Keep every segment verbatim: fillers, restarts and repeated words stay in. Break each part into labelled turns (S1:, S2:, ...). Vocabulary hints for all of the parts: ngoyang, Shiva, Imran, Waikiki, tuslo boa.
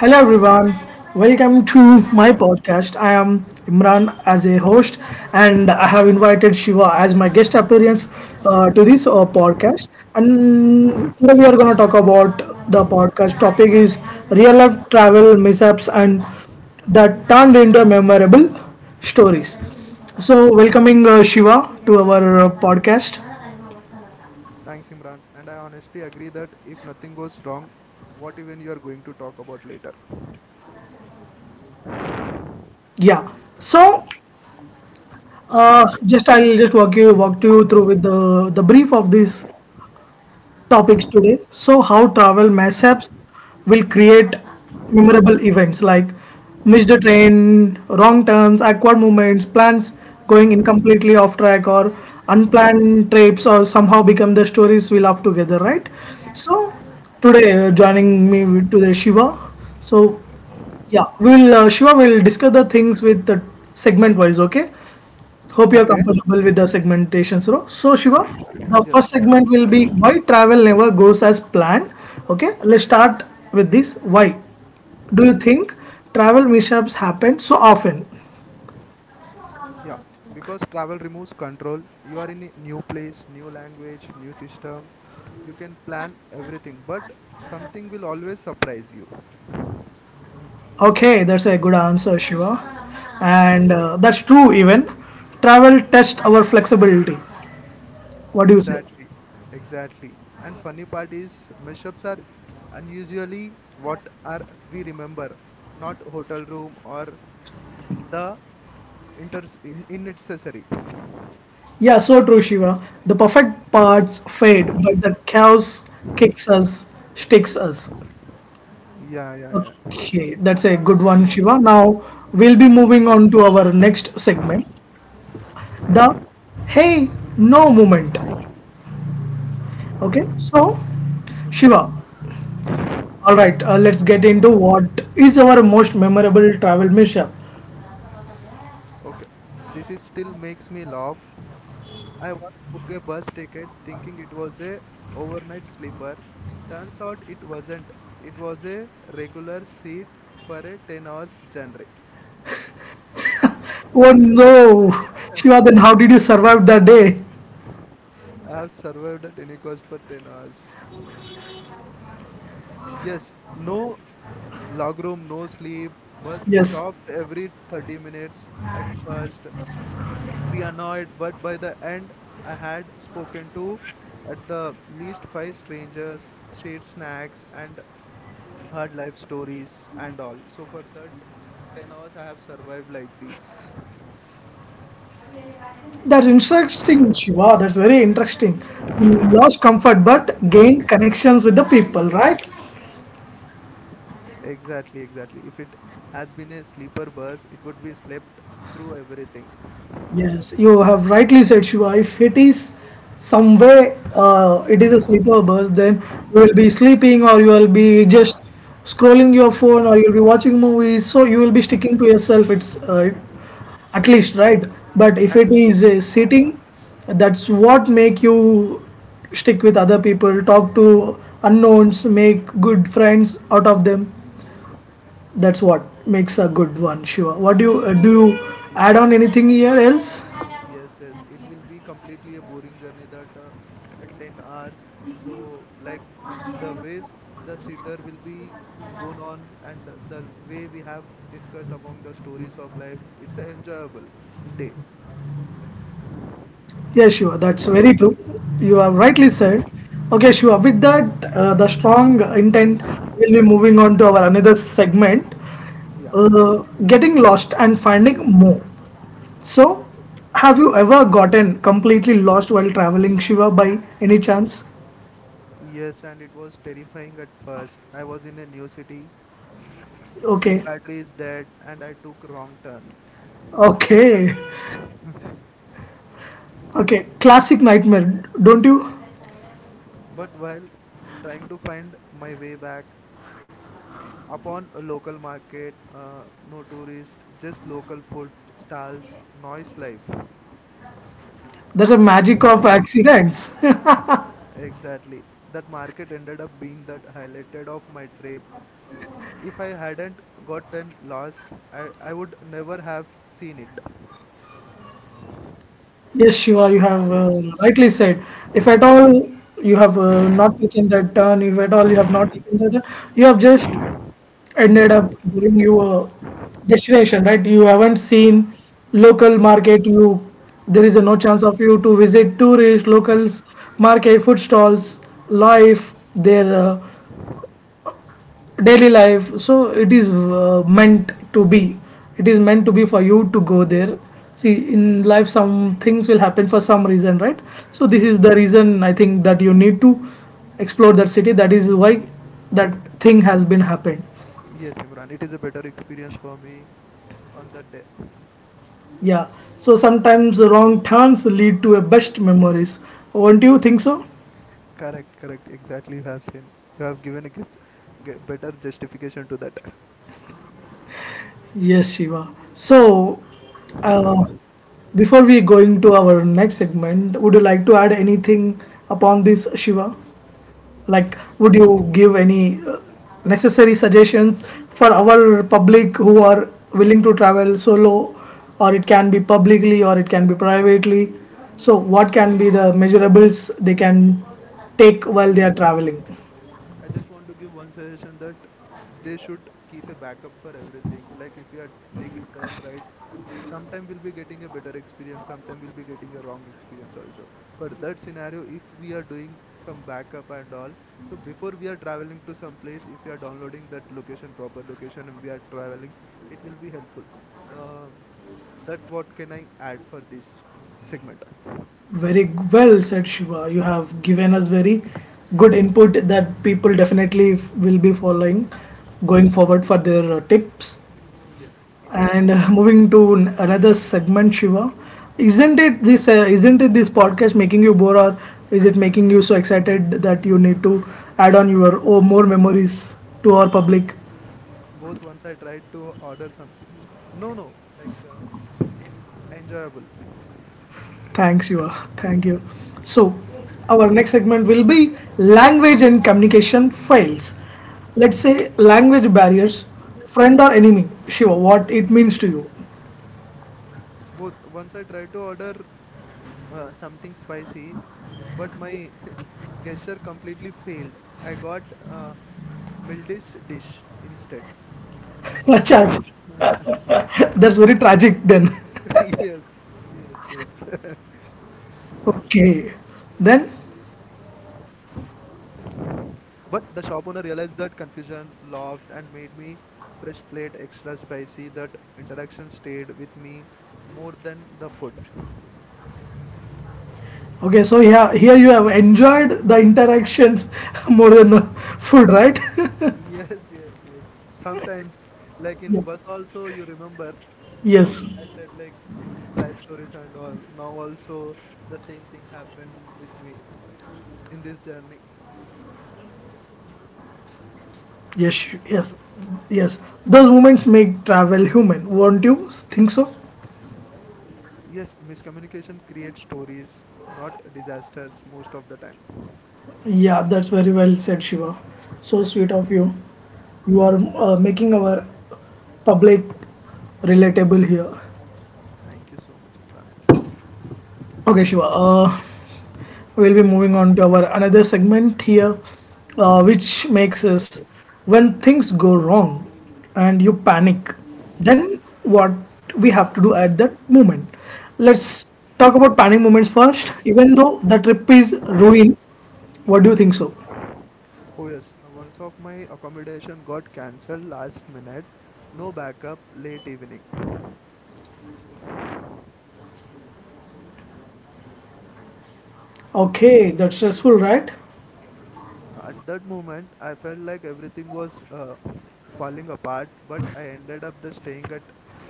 S1: Hello everyone, welcome to my podcast. I am Imran as a host, and I have invited Shiva as my guest appearance uh, to this uh, podcast. And today we are going to talk about the podcast topic is real life travel mishaps and that turned into memorable stories. So, welcoming uh, Shiva to our uh, podcast.
S2: Thanks, Imran. And I honestly agree that if nothing goes wrong, what even you are going to talk about later.
S1: Yeah. So, uh, just I'll just walk you walk you through with the the brief of this topics today. So, how travel mishaps will create memorable events like missed train, wrong turns, awkward movements, plans going incompletely off track, or unplanned trips, or somehow become the stories we love together, right? So, today uh, joining me with- today Shiva. So, yeah, we'll uh, Shiva will discuss the things with the segment wise, okay? Hope you're
S2: Okay.
S1: comfortable with the segmentation, Sro. So, Shiva, the
S2: Yes,
S1: first segment will be why travel never goes as planned. Okay, let's start with this. Why do you think travel mishaps happen so often?
S2: yeah, because travel removes control. You are in a new place, new language, new system. You can plan everything, but something will always surprise you.
S1: Okay, that's a good answer, Shiva.
S2: Yeah,
S1: And uh, that's true, even. Travel tests our flexibility. What do you say?
S2: exactly, exactly. And funny part is, mashups are unusually what are we remember, not hotel room or the inter in, in necessary.
S1: Yeah, so true, Shiva. The perfect parts fade, but the chaos kicks us, sticks us.
S2: Yeah, yeah, yeah.
S1: Okay, that's a good one, Shiva. Now we'll be moving on to our next segment, the hey no moment. Okay, so
S2: Okay,
S1: Shiva, all right, uh, let's get into what is our most memorable travel mishap.
S2: okay. This is still makes me laugh. I once booked a bus ticket thinking it was a overnight sleeper. Turns out it wasn't. It was a regular seat for a ten hours journey.
S1: Oh no, Shiva, then how did you survive that day?
S2: I have survived at any cost for ten hours. Yes, no log room, no sleep. Bus
S1: Yes,
S2: stopped every thirty minutes at first. We annoyed, but by the end I had spoken to at the least five strangers, shared snacks and hard life stories and all. So for that ten hours I have survived like this.
S1: that's interesting, Shiva. That's very interesting. You lost comfort but gained connections with the people, right?
S2: Exactly, exactly. If it has been a sleeper bus, it would be slept through everything.
S1: Yes, you have rightly said, Shiva. If it is some way, uh, it is a sleeper bus, then you will be sleeping or you will be just scrolling your phone or you'll be watching movies. So you will be sticking to yourself. It's uh, at least right. But if it
S2: And
S1: is a sitting, that's what make you stick with other people, talk to unknowns, make good friends out of them. That's what makes a good one, Shiva. What do you uh,
S2: yes.
S1: do? You add on anything here else?
S2: Yes, yes, it will be completely a boring journey that uh, uh, ten hours. So, like the ways the sitter will be gone on, and the, the way we have discussed among the stories of life, it's an enjoyable day.
S1: Yes, Shiva, that's very true. You have rightly said. Okay, Shiva, with that, uh, the strong intent, we'll be moving on to our another segment
S2: Yeah.
S1: uh, getting lost and finding more. So, have you ever gotten completely lost while traveling, Shiva, by any chance?
S2: Yes, and it was terrifying at first. I was in a new city, phone
S1: Okay,
S2: battery is dead, and I took wrong turn.
S1: okay, okay, classic nightmare, don't you?
S2: But while trying to find my way back, upon a local market, uh, no tourist, just local food stalls, noise life.
S1: There's a magic of accidents.
S2: Exactly. That market ended up being that highlighted of my trip. If I hadn't gotten lost, I, I would never have seen it.
S1: Yes, Shiva, you have uh, rightly said. If at all you have uh, not taken that turn, if at all you have not taken that turn, you have just ended up going your destination, right? You haven't seen local market. You there is a no chance of you to visit tourist locals market, food stalls, life, their uh, daily life. So it is uh, meant to be it is meant to be for you to go there. See, in life some things will happen for some reason, right? So this is the reason I think that you need to explore that city. That is why that thing has been happened.
S2: Yes, Imran, it is a better experience for me on that day.
S1: Yeah, so sometimes wrong turns lead to a best memories, won't you think so?
S2: Correct, correct. Exactly, you have seen. You have given a gis- ge- better justification to that.
S1: Yes, Shiva. So uh, before we going to our next segment, would you like to add anything upon this, Shiva? Like would you give any uh, necessary suggestions for our public who are willing to travel solo, or it can be publicly or it can be privately? So what can be the measurables they can take while
S2: Yeah.
S1: they are traveling?
S2: I just want to give one suggestion that they should keep a backup for everything. Like if you are taking turn right, s- sometime we'll be getting a better experience, sometime we'll be getting a wrong experience also. For that scenario, if we are doing some backup and all, so before we are traveling to some place, if we are downloading that location, proper location, and we are traveling, it will be helpful. Um, that what can I add for this segment?
S1: Very well said, Shiva. You have given us very good input that people definitely will be following going forward for their uh, tips.
S2: Yes, yes.
S1: And uh, moving to n- another segment, Shiva, isn't it this? Uh, isn't it this podcast making you bored, or is it making you so excited that you need to add on your oh more memories to our public?
S2: Both once I tried to order something. No, no, like uh, it's enjoyable.
S1: Thanks, Shiva. Thank you. So, our next segment will be language and communication fails. Let's say language barriers, friend or enemy. Shiva, what it means to you?
S2: Both once I tried to order uh, something spicy, but my gesture completely failed. I got uh, m- Mildish dish instead.
S1: Achha, achha. That's very tragic. Then,
S2: Yes, yes, yes.
S1: okay, then.
S2: But the shop owner realized that confusion, laughed, and made me fresh plate extra spicy. That interaction stayed with me more than the food.
S1: Okay, so yeah, here you have enjoyed the interactions more than the food, right?
S2: Yes, yes, yes. Sometimes, like
S1: Yeah.
S2: in bus also, you remember, uh,
S1: Yes,
S2: I said like life stories and all. Now also the same thing happened with me in this journey.
S1: yes, yes, yes. Those moments make travel human, won't you think so?
S2: Yes, miscommunication creates stories, not disasters most of the time.
S1: Yeah, that's very well said, Shiva. So sweet of you. You are uh, making our public relatable here.
S2: Thank you so much, Imran.
S1: Okay, Shiva. Uh, we'll be moving on to our another segment here, uh, which makes us when things go wrong and you panic, then what we have to do at that moment. Let's talk about panic moments first. Even though the trip is ruined, what do you think so?
S2: Oh yes, uh, once of my accommodation got cancelled last minute. No backup, late evening.
S1: Okay, that's stressful, right?
S2: At that moment, I felt like everything was uh, falling apart, but I ended up the staying at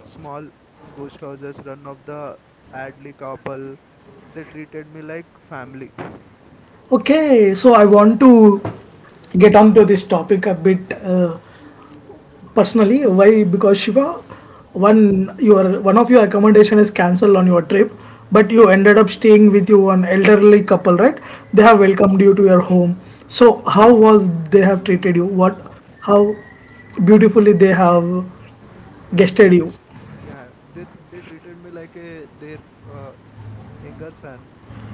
S2: small ghost houses run of the Adley couple. They treated me like family.
S1: Okay, so I want to get on to this topic a bit. Uh, Personally, why? Because Shiva, one
S2: Hmm.
S1: your one of your accommodation is cancelled on your trip, but you ended up staying with you an elderly couple, right? They have welcomed you to your home. So how was they have treated you? What? How beautifully they have guested
S2: They,
S1: you?
S2: yeah, they they treated me like a their uh, younger son.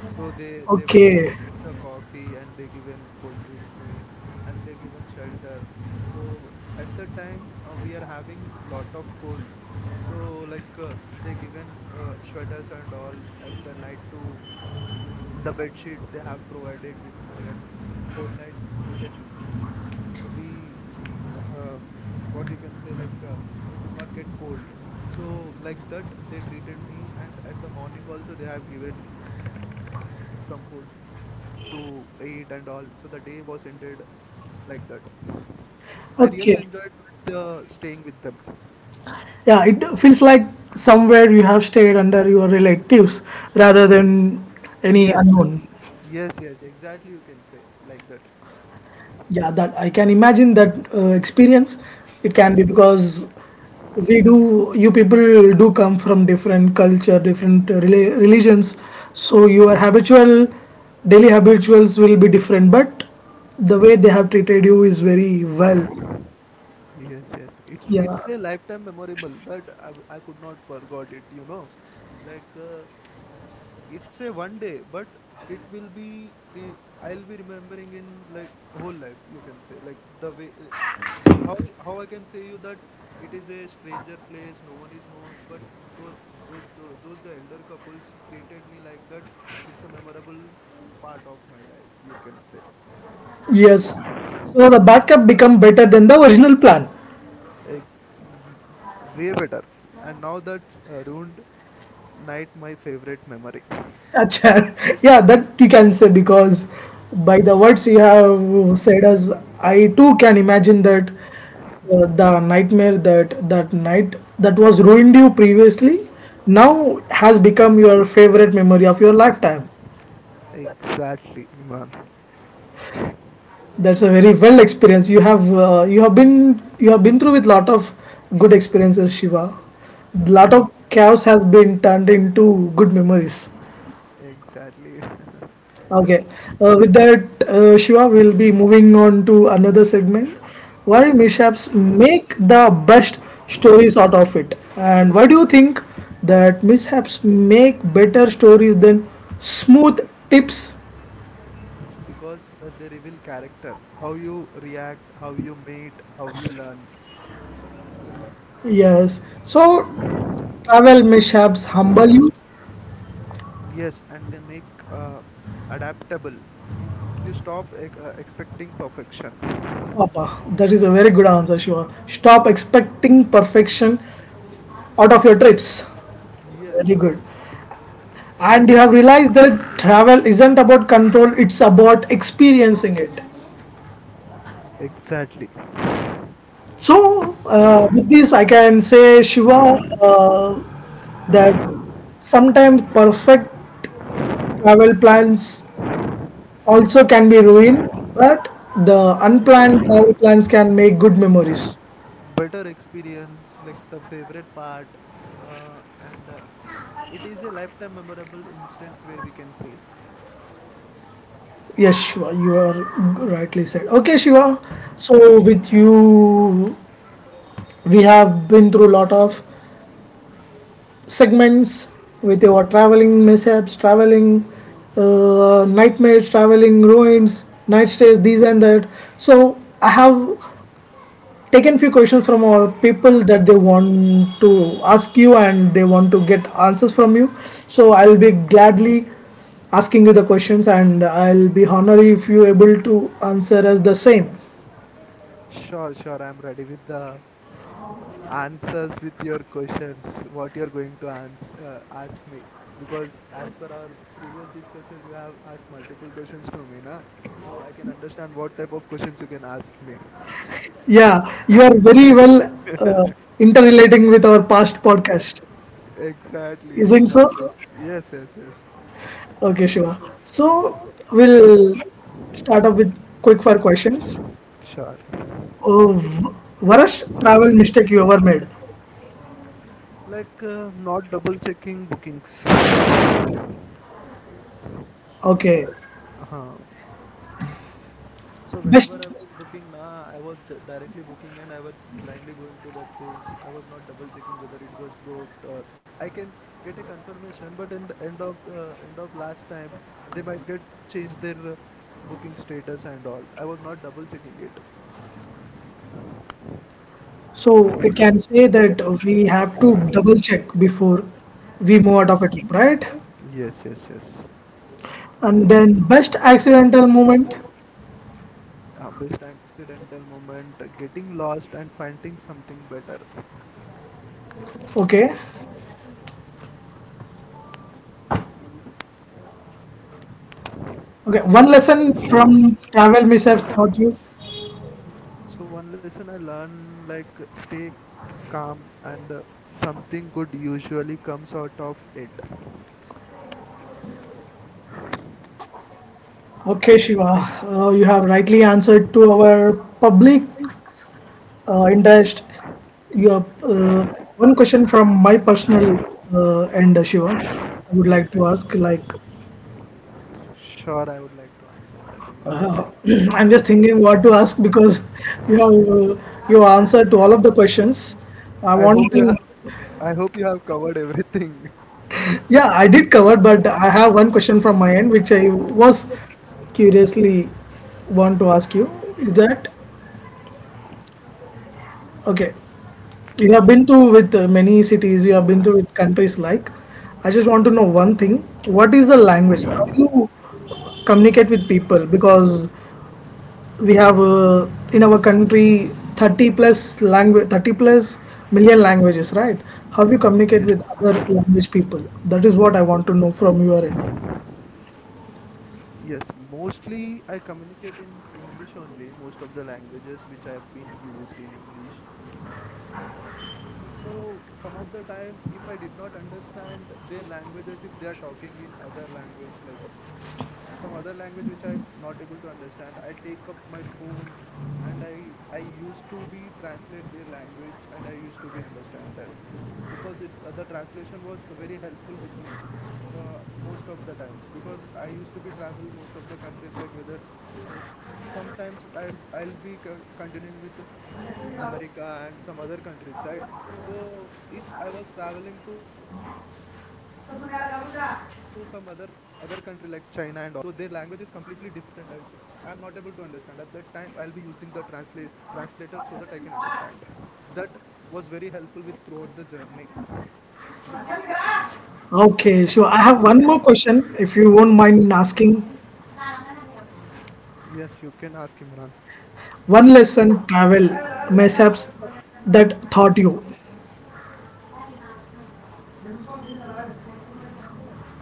S2: So they they welcome
S1: Okay.
S2: me with the coffee and they given food with me and they given shelter. So at the time uh, we are having lot of cold. So like uh, they given uh, sweaters and all at the night to the bed sheet they have provided with me at whole night we can uh, be uh, what you can say like uh, you could not get cold. So like that they treated me and at the morning also they have given some food to eat and all, so the day was ended like that. I really
S1: Okay.
S2: enjoyed with, uh, staying with them.
S1: Yeah, it feels like somewhere you have stayed under your relatives rather than any
S2: Yes, yes,
S1: unknown.
S2: yes, yes, exactly, you can say like that.
S1: Yeah, that I can imagine that uh, experience. It can be because we do, you people do come from different culture, different uh, rela- religions. So your habitual, daily habituals will be different, but the way they have treated you is very well.
S2: Yes, yes. It's
S1: Yeah.
S2: it's a lifetime memorable that I, w- I could not forgot it, you know. Like uh, it's a one day, but it will be i- I'll be remembering in like whole life, you can say. Like the way uh, how how I can say you that it is a stranger place, no one is knows, but those those those, those the elder couples treated me like that. It's a memorable part of my life, you can say.
S1: Yes. So the backup become better than the original plan.
S2: Ex- y- Way better. And now that's uh, ruined night my favorite memory.
S1: Acha, yeah, that you can say because by the words you have said us, I too can imagine that uh, the nightmare that that night that was ruined you previously now has become your favorite memory of your lifetime.
S2: Exactly, Imran.
S1: That's a very well experience. You have uh, you have been you have been through with lot of good experiences, Shiva.
S2: Yes,
S1: Lot of chaos has been turned into good memories.
S2: exactly.
S1: Okay. Uh, with that, uh, Shiva, we'll be moving on to another segment. Why mishaps make the best stories out of it, and why do you think that mishaps make better stories than smooth tips?
S2: Because uh, they reveal character, how you react, how you meet, how you learn.
S1: Yes. So, travel mishaps humble you,
S2: Yes, and they make uh, adaptable. You stop e- uh, expecting perfection.
S1: Papa. That is a very good answer, Shiva. Stop expecting perfection out of your trips.
S2: Yes,
S1: Very good. And you have realized that travel isn't about control, it's about experiencing it.
S2: exactly.
S1: So uh, with this I can say, Shiva, uh, that sometimes perfect travel plans also can be ruined, but the unplanned travel plans can make good memories.
S2: Better experience like the favorite part uh, and uh, it is a lifetime memorable instance where we can fail.
S1: Yes, Shiva, you are rightly said. Okay, Shiva.
S2: Huh.
S1: So with you we have been through a lot of segments with your traveling mishaps, traveling uh, nightmares, traveling ruins, night stays, these and that. So I have taken few questions from our people that they want to ask you and they want to get answers from you. So I'll be gladly asking you the questions and I'll be honored if you able to answer us the same.
S2: Sure, sure, I'm ready with the answers with your questions what you're going to ans- uh, ask me, because as per our previous discussion you have asked multiple questions to me, na, so I can understand what type of questions you can ask me.
S1: Yeah, you are very well uh, interrelating with our past podcast,
S2: Exactly,
S1: isn't so?
S2: exactly. Yes, yes, yes.
S1: Okay, Shiva. So we'll start off with quick fire questions.
S2: Sure.
S1: Uh, w- Worst travel mistake you ever made?
S2: Like uh, not double checking bookings.
S1: Okay,
S2: Huh. So
S1: best.
S2: whenever I was booking, nah, I was ju- directly booking and I was just blindly going to that place. I was not double checking whether it was booked or I can get a confirmation. But in the end of the end of last time, they might get change their uh, booking status and all. I was not double checking it.
S1: So we can say that we have to double check before we move out
S2: Sure.
S1: of a trip, right?
S2: Yes, yes, yes.
S1: And then best accidental moment.
S2: Uh, best accidental moment, uh, getting lost and finding something better.
S1: Okay, okay. One lesson from travel mishaps taught you.
S2: So one lesson I learned, like stay calm and uh, something good usually comes out of it.
S1: Okay, Shiva, uh, you have rightly answered to our public uh, interest. Your uh, one question from my personal uh, end, Shiva. I would like
S2: Okay.
S1: to ask, like,
S2: Sure, I would like to answer that, Imran.
S1: uh, I'm just thinking what to ask because you have uh, you answered to all of the questions. I
S2: I
S1: want
S2: hope you
S1: to,
S2: ha- I hope you have covered everything.
S1: yeah, I did cover, but I have one question from my end, which I was curiously want to ask you. Is that okay? You have been to with uh, many cities, you have been to with countries like. I just want to know one thing. What is the language? How do you communicate with people? Because we have uh, in our country thirty plus language, thirty plus million languages, right? How do you communicate
S2: Yes,
S1: with other language people? That is what I want to know from your end.
S2: yes. Mostly I communicate in English only, most of the languages which I have been used in English. So some of the time if I did not understand their languages, if they are talking in other language, like some other language which I'm not able to understand, I take up my phone, and i i used to be translate their language and I used to be understand them, because it uh, the translation was very helpful with me, uh, most of the times, because I used to be travel most of the countries like whether like, sometimes i'll i'll be co- continuing with America and some other countries, right? So if I was traveling to some other other country like China and all, so their language is completely different. I, I'm not able to understand. At that time I'll be using the translate translator, so that I can understand. That was very helpful with throughout the journey, you can...
S1: Okay, sure. I have one more question, if you won't mind asking.
S2: Yes, you can ask, Imran.
S1: One lesson travel mishaps that taught you.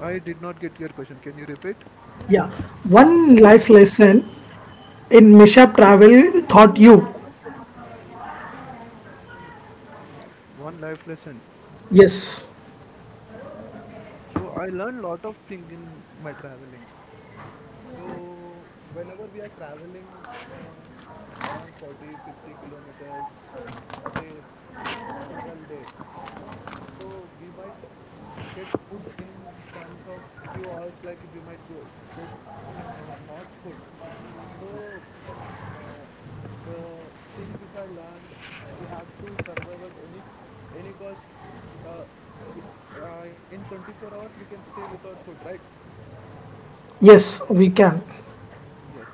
S2: I did not get your question, can you repeat?
S1: Yeah, one life lesson in mishap travel taught you.
S2: uh, one life lesson.
S1: Yes,
S2: So I learned lot of thing in my traveling. So whenever we are traveling uh, around 40 50 kilometers at a single day, so we might get food in terms of a few hours, like we might go, get uh, not food. So uh, the thing which I learned, we have to survive at any any cost. Uh, we, uh, in twenty-four hours, we can stay without food, right?
S1: yes, we can.
S2: Yes.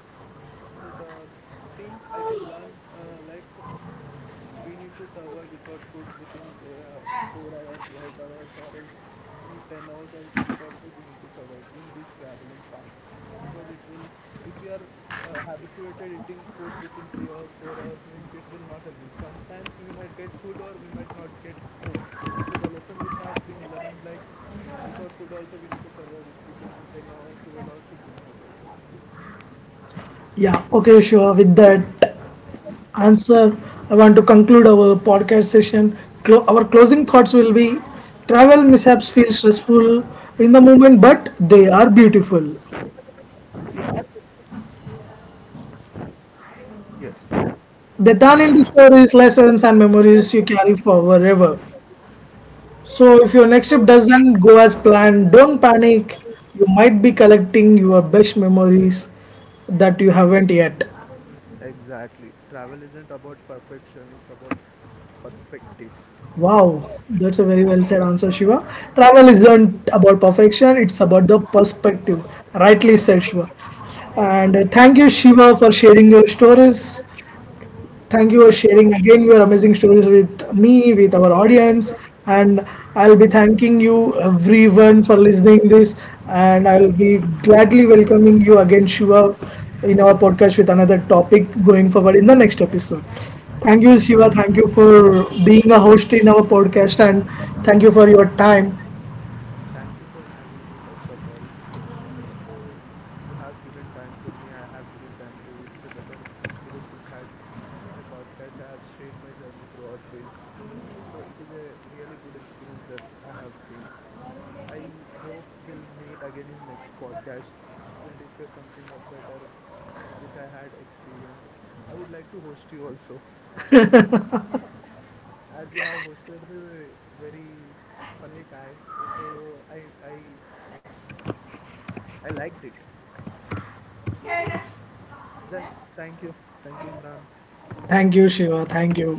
S2: So the thing I can learn, uh, like we need to survive without food within uh, four hours, eight hours, or else in ten hours also without food we need to survive in this traveling part, because it will if we are uh, habituated eating food within three hours, four hours means it will not helpful. Sometimes we might get food or we might not get food. So the lesson which have been learned, like without food also we need to survive with- within ten hours, twelve hours, fifteen hours also.
S1: Yeah, okay, sure. With that answer, I want to conclude our podcast session. Clo- our closing thoughts will be travel mishaps feel stressful in the moment, but they are beautiful.
S2: Yes,
S1: They turn into stories, lessons, and memories you carry forever. So if your next trip doesn't go as planned, don't panic. You might be collecting your best memories that you haven't yet.
S2: exactly. Travel isn't about perfection, it's about perspective.
S1: Wow, that's a very well said answer, Shiva. Travel isn't about perfection, it's about the perspective. Rightly said, Shiva. And uh, thank you, Shiva, for sharing your stories. Thank you for sharing again your amazing stories with me, with our audience, and I'll be thanking you everyone for listening this, and I'll be gladly welcoming you again, Shiva, in our podcast with another topic going forward in the next episode.
S2: Thank you
S1: Thank
S2: so
S1: you,
S2: much.
S1: Shiva. Thank you for being a host in our podcast, and thank you for your time.
S2: Thank you for having me, first of all. So, you have given time to me. I have given time to you. It's a better experience which I had a podcast. I have shared my journey throughout this. So, it is a really good experience that I have been. I hope we'll meet again in next podcast. We'll discuss something uh, better which I had experienced. I would like to host you also, as you have hosted me very funny kind. So I I I liked it. Then thank you. Thank you, Imran.
S1: Thank you, Shiva. Thank you.